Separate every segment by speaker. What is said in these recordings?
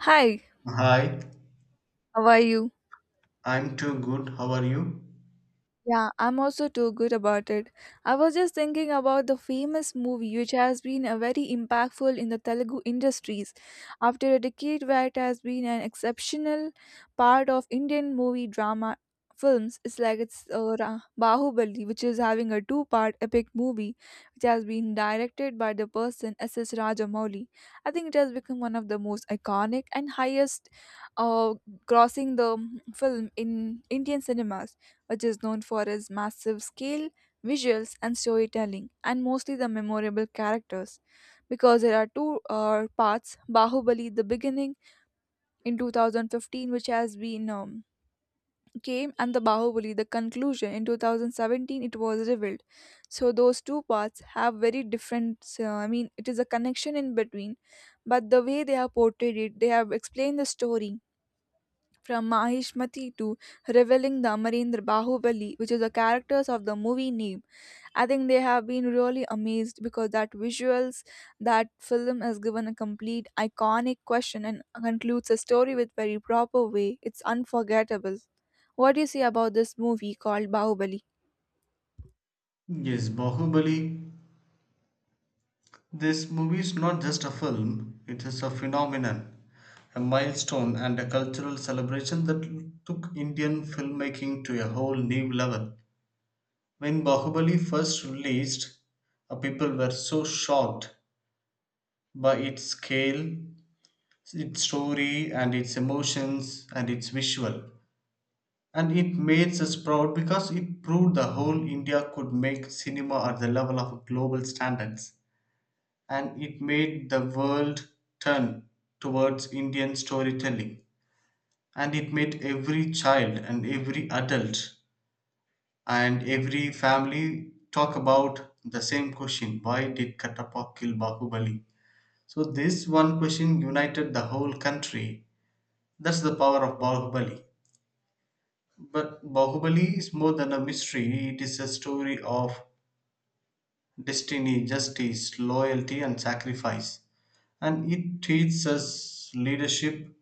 Speaker 1: Hi,
Speaker 2: Hi,
Speaker 1: how are you?
Speaker 2: I'm too good. How are you?
Speaker 1: Yeah, I'm also too good about it. I was just thinking about the famous movie which has been a very impactful in the Telugu industries. After a decade where it has been an exceptional part of Indian movie drama films, it's like Bahubali, which is having a two-part epic movie which has been directed by the person S. S. Rajamouli. I think it has become one of the most iconic and highest uh, crossing the film in Indian cinemas, which is known for its massive scale, visuals, and storytelling, and mostly the memorable characters. Because there are two parts, Bahubali, the beginning in 2015, which has been came, and the Bahubali, the conclusion in 2017, it was revealed. So, those two parts have very I mean, it is a connection in between, but the way they have portrayed it, they have explained the story from Mahishmati to revealing the Amarendra Bahubali, which is the characters of the movie name. I think they have been really amazed because that visuals, that film has given a complete iconic question and concludes a story with very proper way. It's unforgettable. What do you say about this movie called Bahubali?
Speaker 2: Yes, Bahubali. This movie is not just a film, it is a phenomenon, a milestone, and a cultural celebration that took Indian filmmaking to a whole new level. When Bahubali first released, people were so shocked by its scale, its story, and its emotions, and its visual. And it made us proud because it proved the whole India could make cinema at the level of global standards. And it made the world turn towards Indian storytelling. And it made every child and every adult and every family talk about the same question, why did Katappa kill Bahubali? So this one question united the whole country. That's the power of Bahubali. But Bahubali is more than a mystery, it is a story of destiny, justice, loyalty, and sacrifice. And it teaches us leadership,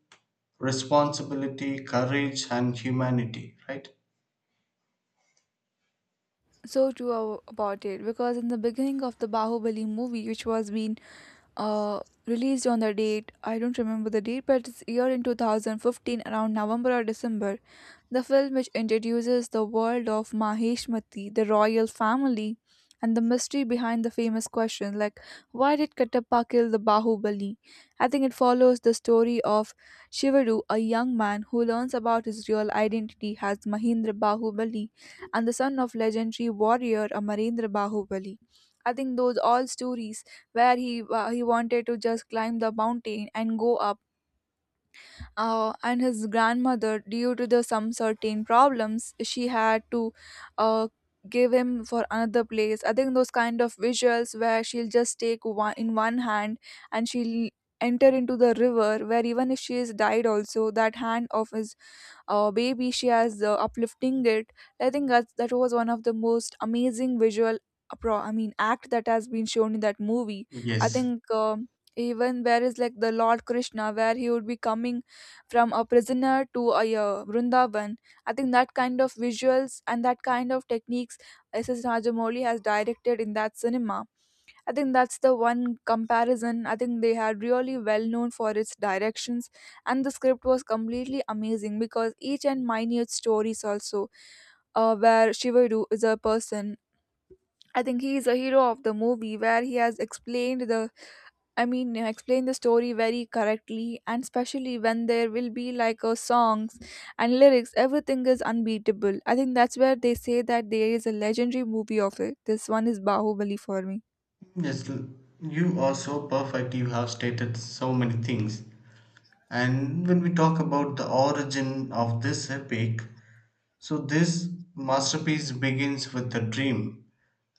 Speaker 2: responsibility, courage, and humanity, right?
Speaker 1: So true about it, because in the beginning of the Bahubali movie, which was being released on the date, I don't remember the date, but it's year in 2015 around November or December. The film, which introduces the world of Maheshmati, the royal family, and the mystery behind the famous question like, why did Kattappa kill the Bahubali? I think it follows the story of Shivaru, a young man who learns about his real identity as Mahindra Bahubali and the son of legendary warrior Amarendra Bahubali. I think those all stories where he wanted to just climb the mountain and go up, and his grandmother, due to the some certain problems, she had to uh, give him for another place. I think those kind of visuals where she'll just take one in one hand and she'll enter into the river, where even if she is died also, that hand of his baby she has uplifting it. I think that was one of the most amazing visual appro I mean act that has been shown in that movie. I
Speaker 2: Yes.
Speaker 1: think even where is like the Lord Krishna, where he would be coming from a prisoner to a Vrindavan. I think that kind of visuals and that kind of techniques SS Rajamouli has directed in that cinema. I think that's the one comparison. I think they are really well known for its directions, and the script was completely amazing because each and minute stories also, where Shivaru is a person. I think he is a hero of the movie where he has explained the, explained the story very correctly, and especially when there will be like a songs and lyrics, everything is unbeatable. I think that's where they say that there is a legendary movie of it. This one is Bahubali for me.
Speaker 2: Yes, you are so perfect. You have stated so many things. And when we talk about the origin of this epic, so this masterpiece begins with the dream.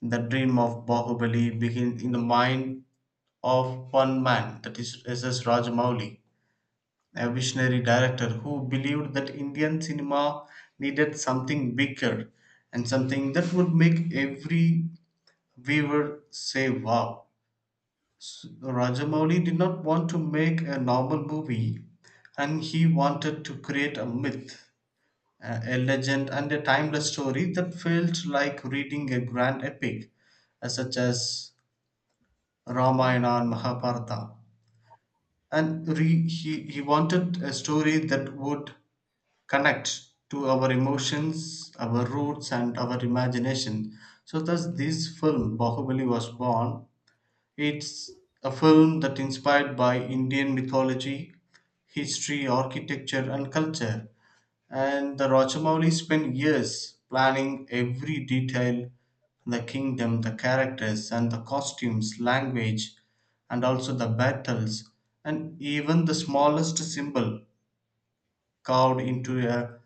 Speaker 2: The dream of Bahubali begins in the mind of one man, that is S.S. Rajamouli, a visionary director who believed that Indian cinema needed something bigger and something that would make every viewer say wow. Rajamouli did not want to make a normal movie, and he wanted to create a myth, a legend, and a timeless story that felt like reading a grand epic, such as Ramayana and Mahabharata. And he wanted a story that would connect to our emotions, our roots, and our imagination. So, thus, this film, Bahubali, was born. It's a film that inspired by Indian mythology, history, architecture, and culture. And the Rochamouli spent years planning every detail, the kingdom, the characters, and the costumes, language, and also the battles, and even the smallest symbol carved into a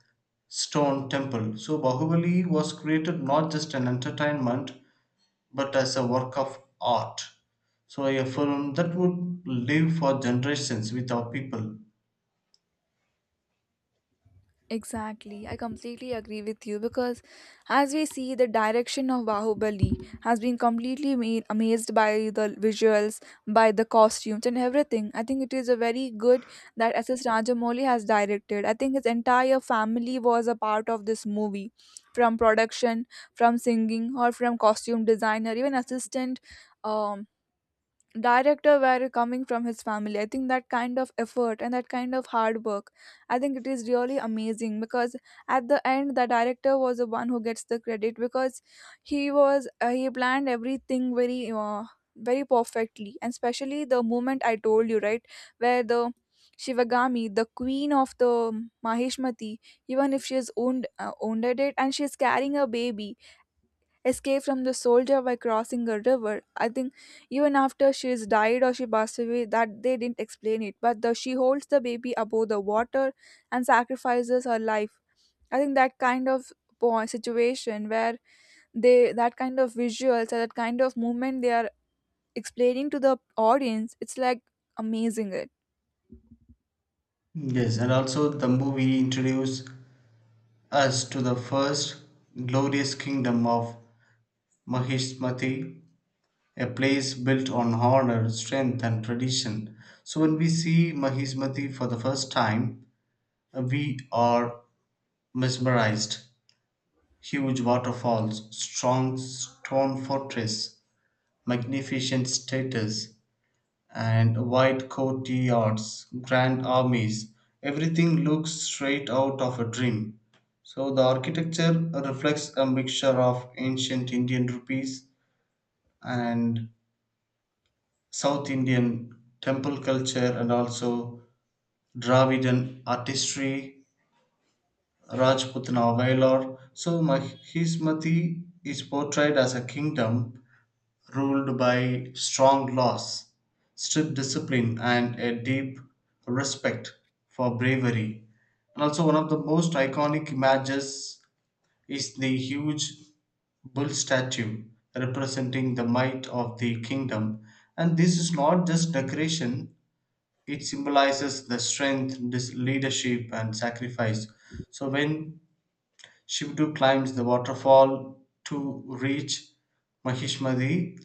Speaker 2: stone temple. So Bahubali was created not just an entertainment but as a work of art. So, a film that would live for generations with our people.
Speaker 1: Exactly. I completely agree with you, because as we see, the direction of Bahubali has been completely made, amazed by the visuals, by the costumes and everything. I think it is a very good that SS Rajamouli has directed. I think his entire family was a part of this movie, from production, from singing or from costume designer, even assistant um director were coming from his family. I think that kind of effort and that kind of hard work, I think it is really amazing, because at the end the director was the one who gets the credit, because he planned everything very perfectly, and especially the moment I told you, right, where the Shivagami, the queen of the Mahishmati, even if she is owned wounded it and she is carrying a baby, escaped from the soldier by crossing a river. I think even after she's died or she passed away, that they didn't explain it. But the she holds the baby above the water and sacrifices her life. I think that kind of situation where they that kind of visuals or that kind of movement they are explaining to the audience, it's like amazing. It
Speaker 2: Yes, and also the movie introduced us to the first glorious kingdom of Mahismati, a place built on honor, strength, and tradition. So when we see Mahismati for the first time, we are mesmerized. Huge waterfalls, strong stone fortress, magnificent statues, and white courtyards, grand armies, everything looks straight out of a dream. So the architecture reflects a mixture of ancient Indian rupees and South Indian temple culture and also Dravidian artistry, Rajputana Vailar. So Hismati is portrayed as a kingdom ruled by strong laws, strict discipline, and a deep respect for bravery. And also, one of the most iconic images is the huge bull statue representing the might of the kingdom. And this is not just decoration, it symbolizes the strength, leadership, and sacrifice. So when Shivdu climbs the waterfall to reach Mahishmadi,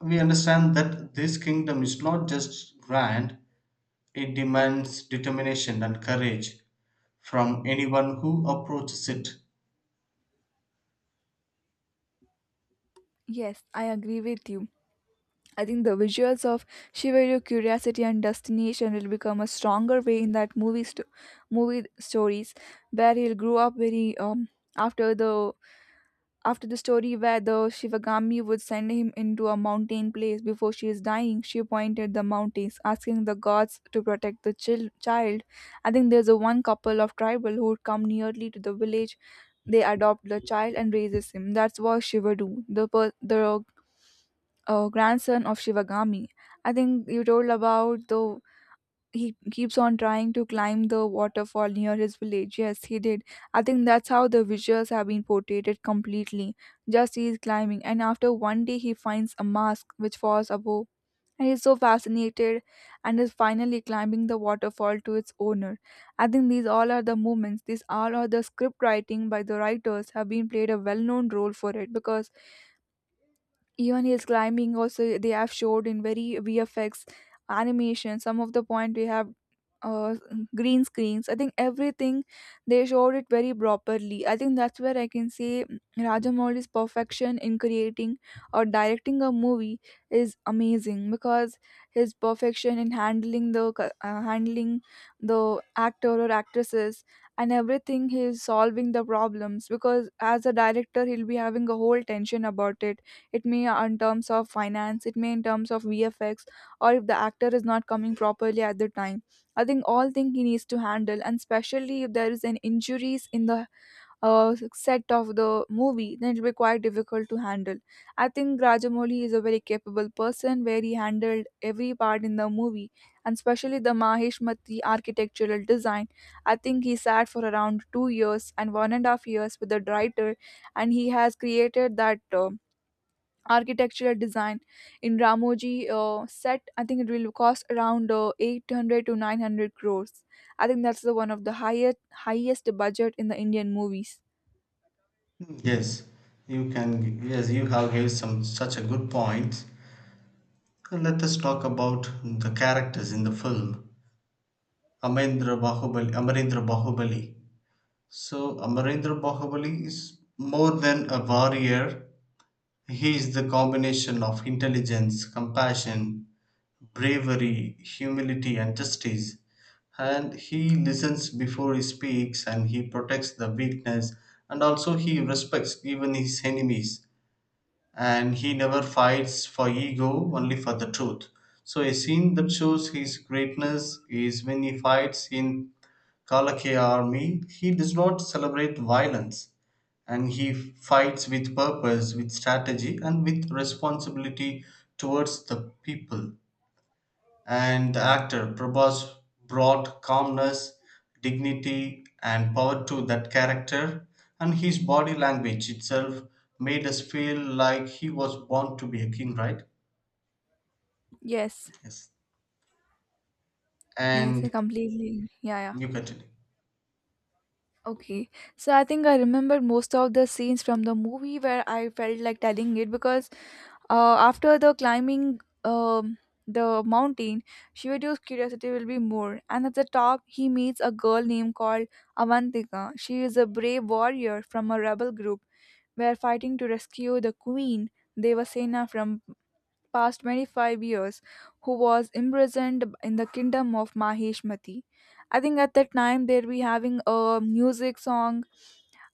Speaker 2: we understand that this kingdom is not just grand, it demands determination and courage from anyone who approaches it.
Speaker 1: yes, I agree with you. I think the visuals of Shiva, your curiosity and destination will become a stronger way in that movie stories, where he'll grow up very, after the story, where the Shivagami would send him into a mountain place. Before she is dying, she pointed the mountains, asking the gods to protect the child. I think there's a one couple of tribal who would come nearly to the village. They adopt the child and raises him. That's what Shiva do, the grandson of Shivagami. I think you told about the he keeps on trying to climb the waterfall near his village. Yes, he did. I think that's how the visuals have been portrayed completely. Just he is climbing, and after one day, he finds a mask which falls above. And he's so fascinated and is finally climbing the waterfall to its owner. I think these all are the moments, these all are the script writing by the writers, have been played a well known role for it, because even his climbing also, they have showed in very VFX animation. Some of the point we have uh, green screens. I think everything they showed it very properly. I think that's where I can say Rajamouli's perfection in creating or directing a movie is amazing, because his perfection in handling handling the actor or actresses and everything, he is solving the problems, because as a director he'll be having a whole tension about it. It may, in terms of finance, it may in terms of VFX, or if the actor is not coming properly at the time, I think all thing he needs to handle, and especially if there is an injuries in the set of the movie, then it will be quite difficult to handle. I think Rajamouli is a very capable person, where he handled every part in the movie, and especially the Maheshmati architectural design. I think he sat for around 2 years and 1.5 years with the writer, and he has created that architectural design in Ramoji set. I think it will cost around 800 to 900 crores. I think that's the one of the highest budget in the Indian movies.
Speaker 2: Yes, you can. Yes, you have gave some such a good point. Let us talk about the characters in the film. Amarendra Bahubali. Amarendra Bahubali. So Amarendra Bahubali is more than a warrior. He is the combination of intelligence, compassion, bravery, humility, and justice. And he listens before he speaks, and he protects the weakness, and also he respects even his enemies. And he never fights for ego, only for the truth. So a scene that shows his greatness is when he fights in Kalakya army. He does not celebrate violence, and he fights with purpose, with strategy, and with responsibility towards the people. And the actor Prabhas brought calmness, dignity, and power to that character, and his body language itself made us feel like he was born to be a king, right?
Speaker 1: Yes,
Speaker 2: Yes.
Speaker 1: yes, I
Speaker 2: And
Speaker 1: completely. Yeah, yeah.
Speaker 2: you continue.
Speaker 1: Okay, so I think I remember most of the scenes from the movie where I felt like telling it, because after the climbing the mountain, Shivadio's curiosity will be more. And at the top, he meets a girl named called Avantika. She is a brave warrior from a rebel group were fighting to rescue the queen Devasena from past 25 years, who was imprisoned in the kingdom of Maheshmati. I think at that time they'll be having a music song,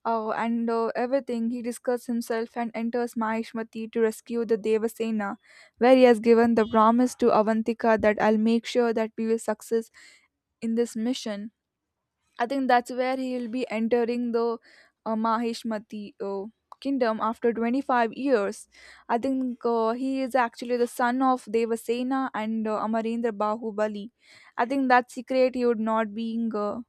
Speaker 1: and everything. He discovers himself and enters Maheshmati to rescue the Devasena, where he has given the promise to Avantika that I'll make sure that we will success in this mission. I think that's where he'll be entering the Mahishmati kingdom after 25 years. I think he is actually the son of Devasena and Amarendra Bahubali. I think that secret he would not being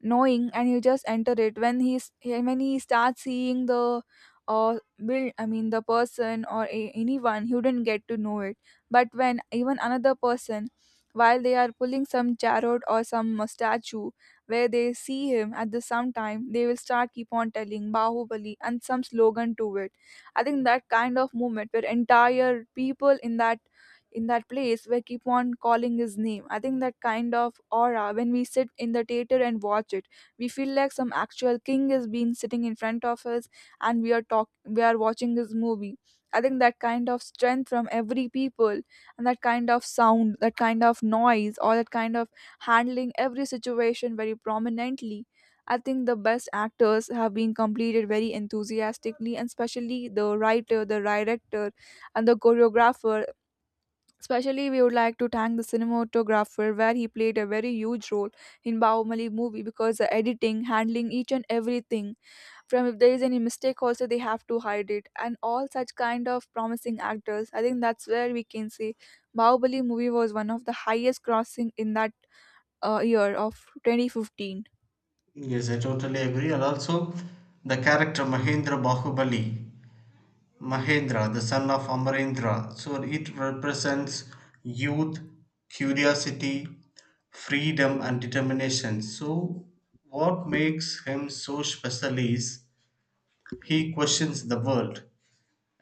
Speaker 1: knowing, and he just enter it when he starts seeing the uh, build. I mean the person or anyone, he wouldn't get to know it. But when even another person, while they are pulling some chariot or some statue, where they see him at the some time, they will start keep on telling Bahubali and some slogan to it. I think that kind of movement where entire people in that place where keep on calling his name, I think that kind of aura, when we sit in the theater and watch it, we feel like some actual king is being sitting in front of us, and we are watching his movie. I think that kind of strength from every people, and that kind of sound, that kind of noise, or that kind of handling every situation very prominently. I think the best actors have been completed very enthusiastically, and especially the writer, the director, and the choreographer. Especially, we would like to thank the cinematographer, where he played a very huge role in Bahumali movie, because the editing, handling each and everything, from if there is any mistake, also they have to hide it, and all such kind of promising actors. I think that's where we can say Bahubali movie was one of the highest crossing in that year of 2015.
Speaker 2: Yes, I totally agree. And also, the character Mahendra Bahubali, Mahendra, the son of Amarendra. So it represents youth, curiosity, freedom, and determination. So what makes him so special is he questions the world,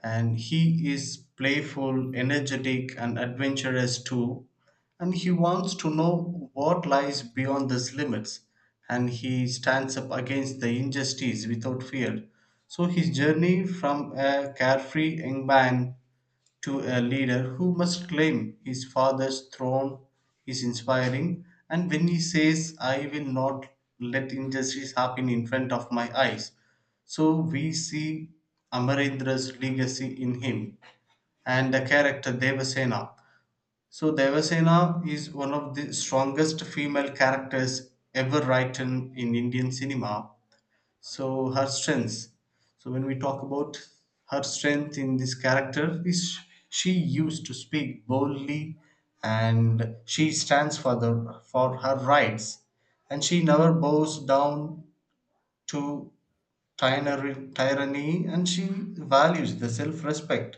Speaker 2: and he is playful, energetic, and adventurous too. And he wants to know what lies beyond these limits, and he stands up against the injustice without fear. So his journey from a carefree young man to a leader who must claim his father's throne is inspiring. And when he says, I will not let injustice happen in front of my eyes, so we see Amarendra's legacy in him. And the character Devasena, so Devasena is one of the strongest female characters ever written in Indian cinema. So her strengths, so when we talk about her strength in this character is she used to speak boldly, and she stands for the for her rights, and she never bows down to tyranny, and she values the self-respect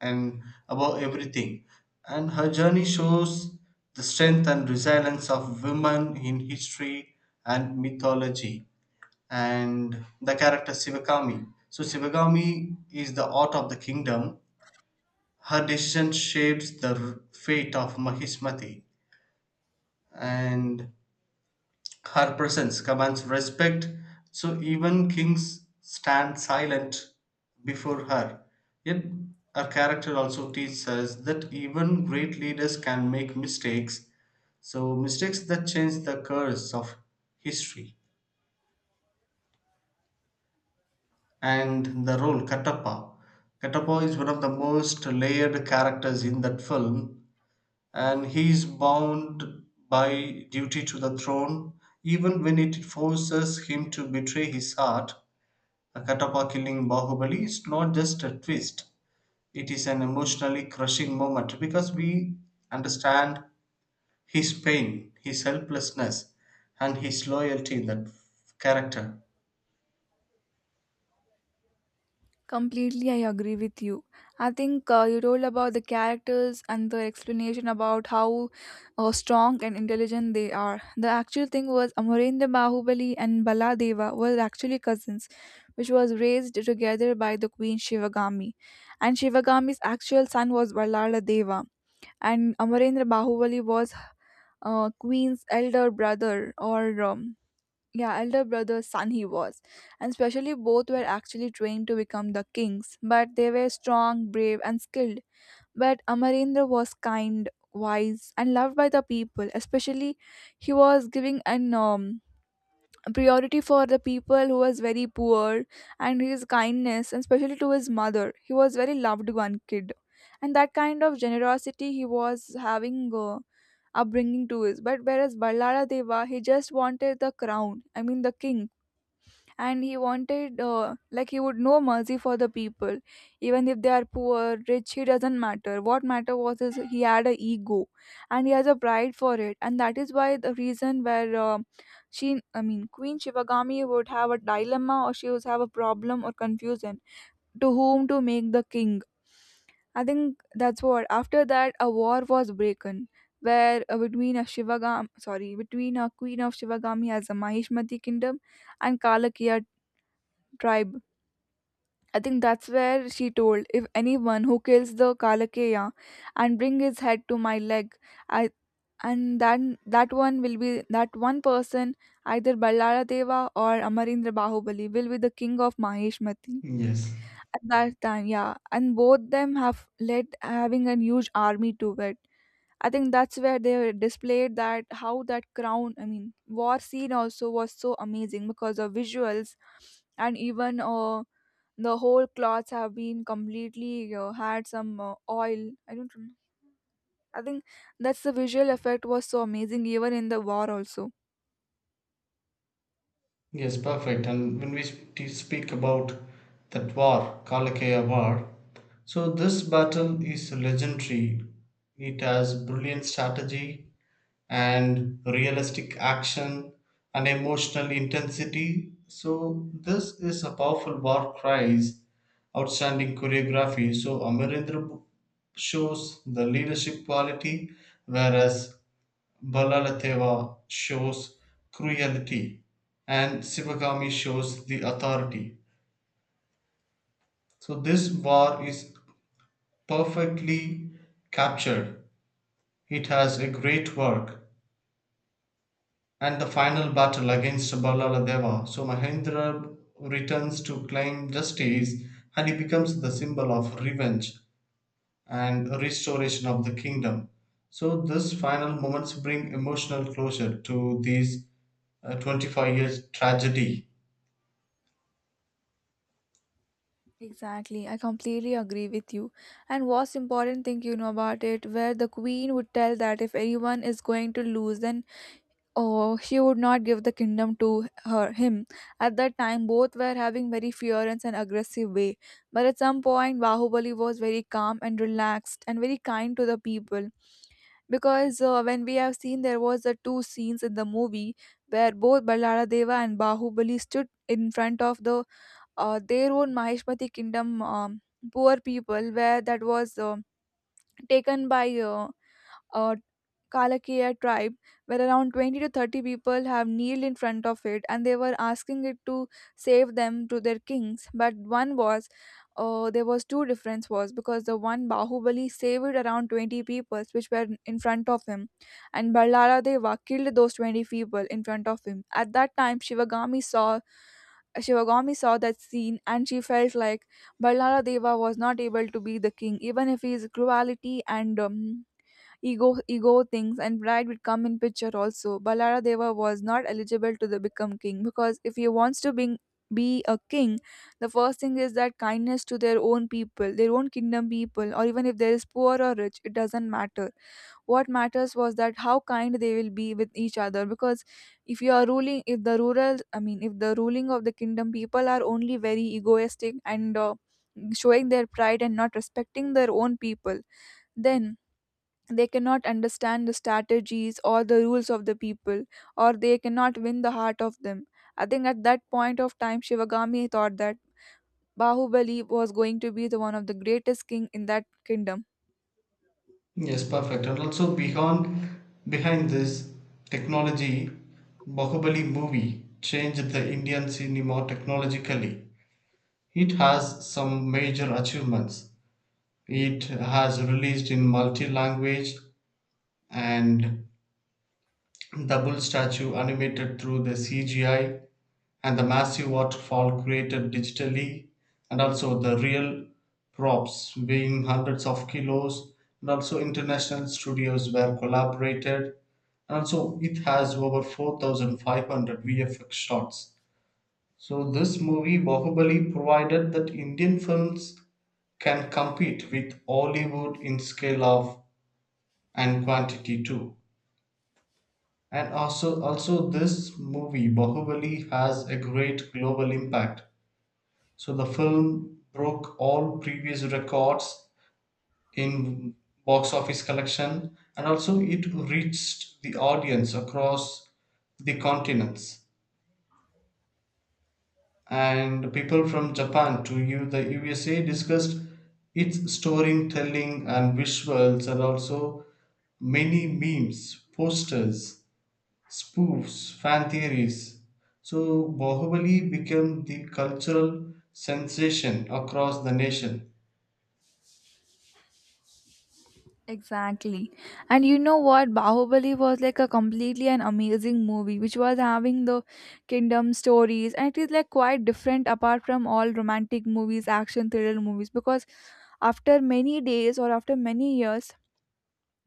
Speaker 2: and above everything. And her journey shows the strength and resilience of women in history and mythology. And the character Shivakami. So Shivakami is the art of the kingdom. Her decision shapes the fate of Mahismati, and her presence commands respect. So even kings stand silent before her. Yet her character also teaches us that even great leaders can make mistakes. So mistakes that change the course of history. And the role Kattappa. Kattappa is one of the most layered characters in that film, and he is bound by duty to the throne, even when it forces him to betray his heart. A Kattappa killing Bahubali is not just a twist, it is an emotionally crushing moment because we understand his pain, his helplessness, and his loyalty in that character.
Speaker 1: Completely, I agree with you. I think you told about the characters and the explanation about how strong and intelligent they are. The actual thing was Amarendra Bahubali and Baladeva were actually cousins, which was raised together by the queen Shivagami. And Shivagami's actual son was Baladeva. And Amarendra Bahubali was queen's elder brother, or yeah, elder brother's son he was. And especially both were actually trained to become the kings, but they were strong, brave and skilled. But Amarendra was kind, wise and loved by the people, especially he was giving an priority for the people who was very poor. And his kindness, and especially to his mother, he was very loved one kid, and that kind of generosity he was having, upbringing to his. But whereas Ballara Deva, he just wanted the crown, I mean the king. And he wanted, like, he would know mercy for the people, even if they are poor, rich, he doesn't matter, what matter was, is he had a ego. And he has a pride for it, and that is why the reason where, she I mean queen Shivagami would have a dilemma, or she would have a problem or confusion to whom to make the king. I think that's what, after that a war was broken, where, between a between a queen of Shivagami as a Mahishmati kingdom and Kalakiya tribe. I think that's where she told, if anyone who kills the Kalakeya and bring his head to my leg, I and then that one person, either Ballara Deva or Amarendra Bahubali, will be the king of Maheshmati.
Speaker 2: Yes.
Speaker 1: At that time, yeah. And both them have led having a huge army to it. I think that's where they displayed that how that crown, I mean, war scene also was so amazing because of visuals, and even the whole cloths have been completely, had some oil, I don't remember. I think that's the visual effect was so amazing, even in the war also.
Speaker 2: Yes, perfect. And when we speak about that war, Kalakaya War, so this battle is legendary. It has brilliant strategy and realistic action and emotional intensity. So this is a powerful war cries, outstanding choreography. So Amarendra shows the leadership quality, whereas Balalateva shows cruelty and Sivagami shows the authority. So this war is perfectly captured. It has a great work. And the final battle against Balaladeva, so Mahendra returns to claim justice, and he becomes the symbol of revenge and restoration of the kingdom. So this final moments bring emotional closure to these 25 years tragedy.
Speaker 1: Exactly, I completely agree with you. And what's important thing you know about it, where the queen would tell that if anyone is going to lose, then oh, she would not give the kingdom to her him. At that time both were having very furious and aggressive way, but at some point Bahubali was very calm and relaxed and very kind to the people, because when we have seen there was the two scenes in the movie where both Ballara Deva and Bahubali stood in front of the, their own Maheshmati kingdom, poor people, where that was taken by uh, Kalakia tribe, where around 20 to 30 people have kneeled in front of it and they were asking it to save them to their kings. But there was two difference was because the one Bahubali saved around 20 people which were in front of him, and Ballara Deva killed those 20 people in front of him. At that time, Shivagami saw that scene and she felt like Ballara Deva was not able to be the king, even if his cruelty and, ego ego things and pride would come in picture. Also Balaradeva was not eligible to the become king, because if he wants to being be a king, the first thing is that kindness to their own people, their own kingdom people. Or even if there is poor or rich, it doesn't matter, what matters was that how kind they will be with each other. Because if you are ruling if the rural I mean if the ruling of the kingdom people are only very egoistic and, showing their pride and not respecting their own people, then they cannot understand the strategies or the rules of the people, or they cannot win the heart of them. I think at that point of time Shivagami thought that Bahubali was going to be the one of the greatest king in that kingdom.
Speaker 2: Yes, perfect. And also beyond behind this technology, Bahubali movie changed the Indian cinema technologically. It has some major achievements. It has released in multi-language, and double statue animated through the CGI, and the massive waterfall created digitally, and also the real props weighing hundreds of kilos, and also international studios were collaborated, and also it has over 4,500 vfx shots. So this movie Bahubali provided that Indian films can compete with Hollywood in scale of and quantity too. And also, this movie Bahubali has a great global impact. So the film broke all previous records in box office collection, and also it reached the audience across the continents. And people from Japan to U the USA discussed its storytelling and visuals, and also many memes, posters, spoofs, fan theories. So Bahubali became the cultural sensation across the nation.
Speaker 1: Exactly. And you know what? Bahubali was like a completely an amazing movie which was having the kingdom stories, and it is like quite different apart from all romantic movies, action thriller movies, because after many days or after many years,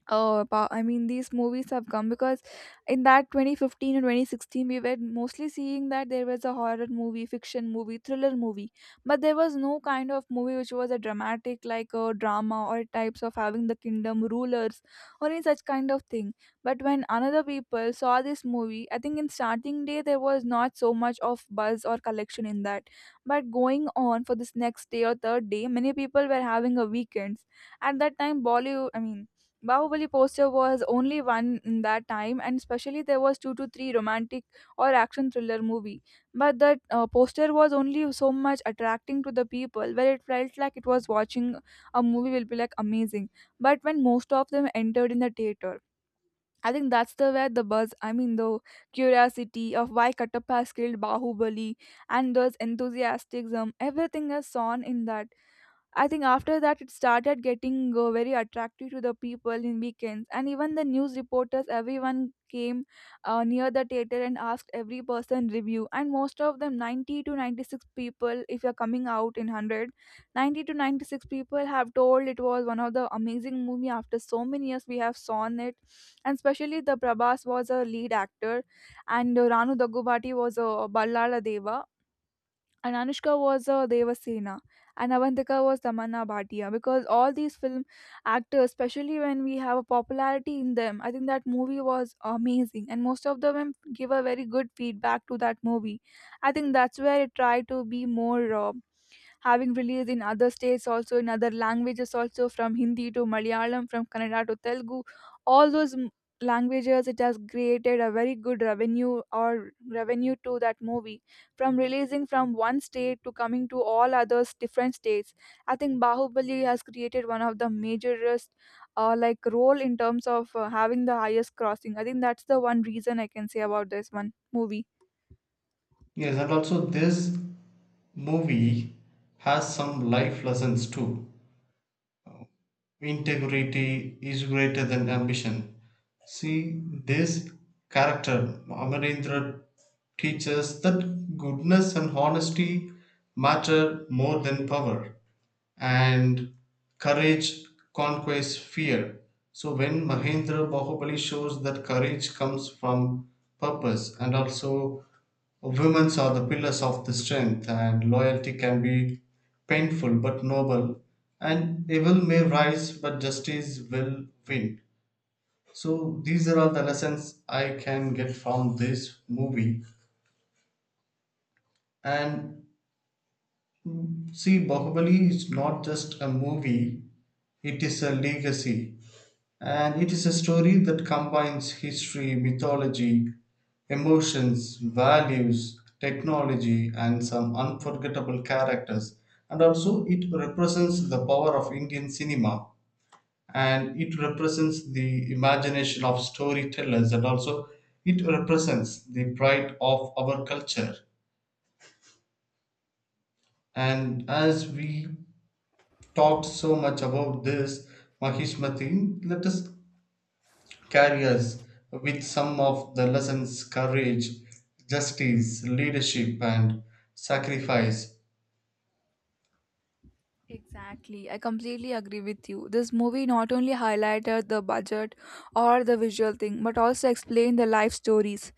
Speaker 1: oh, about, I mean, these movies have come because in that 2015 and 2016, we were mostly seeing that there was a horror movie, fiction movie, thriller movie, but there was no kind of movie which was a dramatic, like a drama or types of having the kingdom, rulers, or any such kind of thing. But when another people saw this movie, I think in starting day, there was not so much of buzz or collection in that. But going on for this next day or third day, many people were having a weekends at that time. Bollywood i mean Bahubali poster was only one in that time, and especially there was two to three romantic or action thriller movie. But that poster was only so much attracting to the people, where it felt like it was watching a movie will be like amazing. But when most of them entered in the theater, I think that's the where the buzz, I mean the curiosity of why Kattappa has killed Bahubali and those enthusiasm, everything is on in that. I think after that it started getting very attractive to the people in weekends, and even the news reporters, everyone came near the theater and asked every person review. And most of them, 90 to 96 people, if you're coming out in 100, 90 to 96 people have told it was one of the amazing movie. After so many years, we have seen it, and especially the Prabhas was a lead actor, and Ranu Dagubati was a Ballala Deva, and Anushka was Devasena, and Avantika was Tamanna Bhatia, because all these film actors, especially when we have a popularity in them, I think that movie was amazing and most of them give a very good feedback to that movie. I think that's where it tried to be more. Having released in other states also, in other languages also, from hindi to malayalam, from kannada to telugu, all those languages, it has created a very good revenue to that movie, from releasing from one state to coming to all others different states. I think Bahubali has created one of the majorest, like role in terms of, having the highest crossing. I think that's the one reason I can say about this one movie.
Speaker 2: Yes, and also this movie has some life lessons too. Integrity is greater than ambition. See, this character, Amarendra, teaches that goodness and honesty matter more than power, and courage conquers fear. So when Mahendra Bahubali shows that courage comes from purpose, and also women are the pillars of the strength, and loyalty can be painful but noble, and evil may rise but justice will win. So these are all the lessons I can get from this movie. And see, Bahubali is not just a movie, it is a legacy. And it is a story that combines history, mythology, emotions, values, technology, and some unforgettable characters. And also, it represents the power of Indian cinema, and it represents the imagination of storytellers, and also it represents the pride of our culture. And as we talked so much about this, Mahishmati, let us carries with some of the lessons, courage, justice, leadership, and sacrifice.
Speaker 1: Exactly. I completely agree with you. This movie not only highlighted the budget or the visual thing, but also explained the life stories.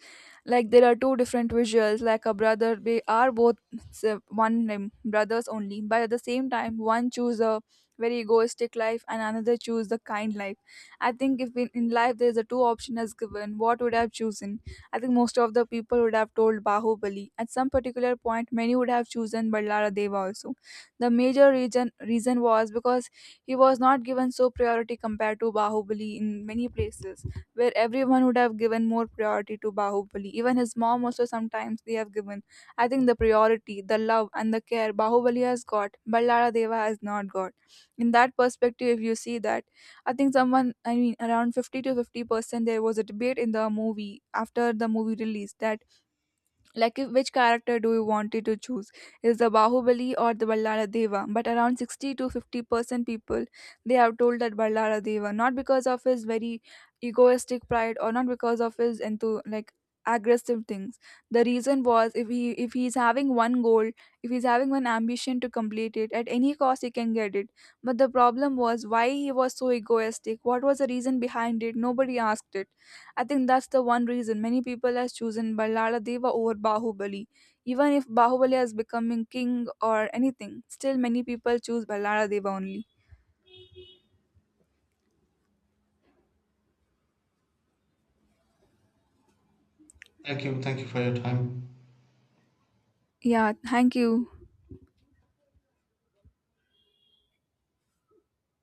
Speaker 1: Like there are two different visuals like a brother, they are both one name brothers only, but at the same time one choose a very egoistic life and another choose the kind life. I think if in life there's a two option as given, what would I have chosen? I think most of the people would have told Bahubali. At some particular point many would have chosen Ballara Deva also. The major reason was because he was not given so priority compared to Bahubali in many places, where everyone would have given more priority to Bahubali. Even his mom also sometimes they have given. I think the priority, the love and the care Bahubali has got, Ballara Deva has not got. In that perspective, if you see that, I think someone, I mean, around 50 to 50%, there was a debate in the movie after the movie release that, like, which character do you wanted to choose? Is the Bahubali or the Ballara Deva? But around 60 to 50% people, they have told that Ballara Deva, not because of his very egoistic pride or not because of his into, like, aggressive things. The reason was, if he's having one goal, if he's having one ambition to complete it at any cost, he can get it. But the problem was why he was so egoistic. What was the reason behind it? Nobody asked it. I think that's the one reason many people has chosen Ballada Deva over Bahubali. Even if Bahubali has becoming king or anything, still many people choose Ballada Deva only.
Speaker 2: Thank you. Thank you for your time.
Speaker 1: Yeah, thank you.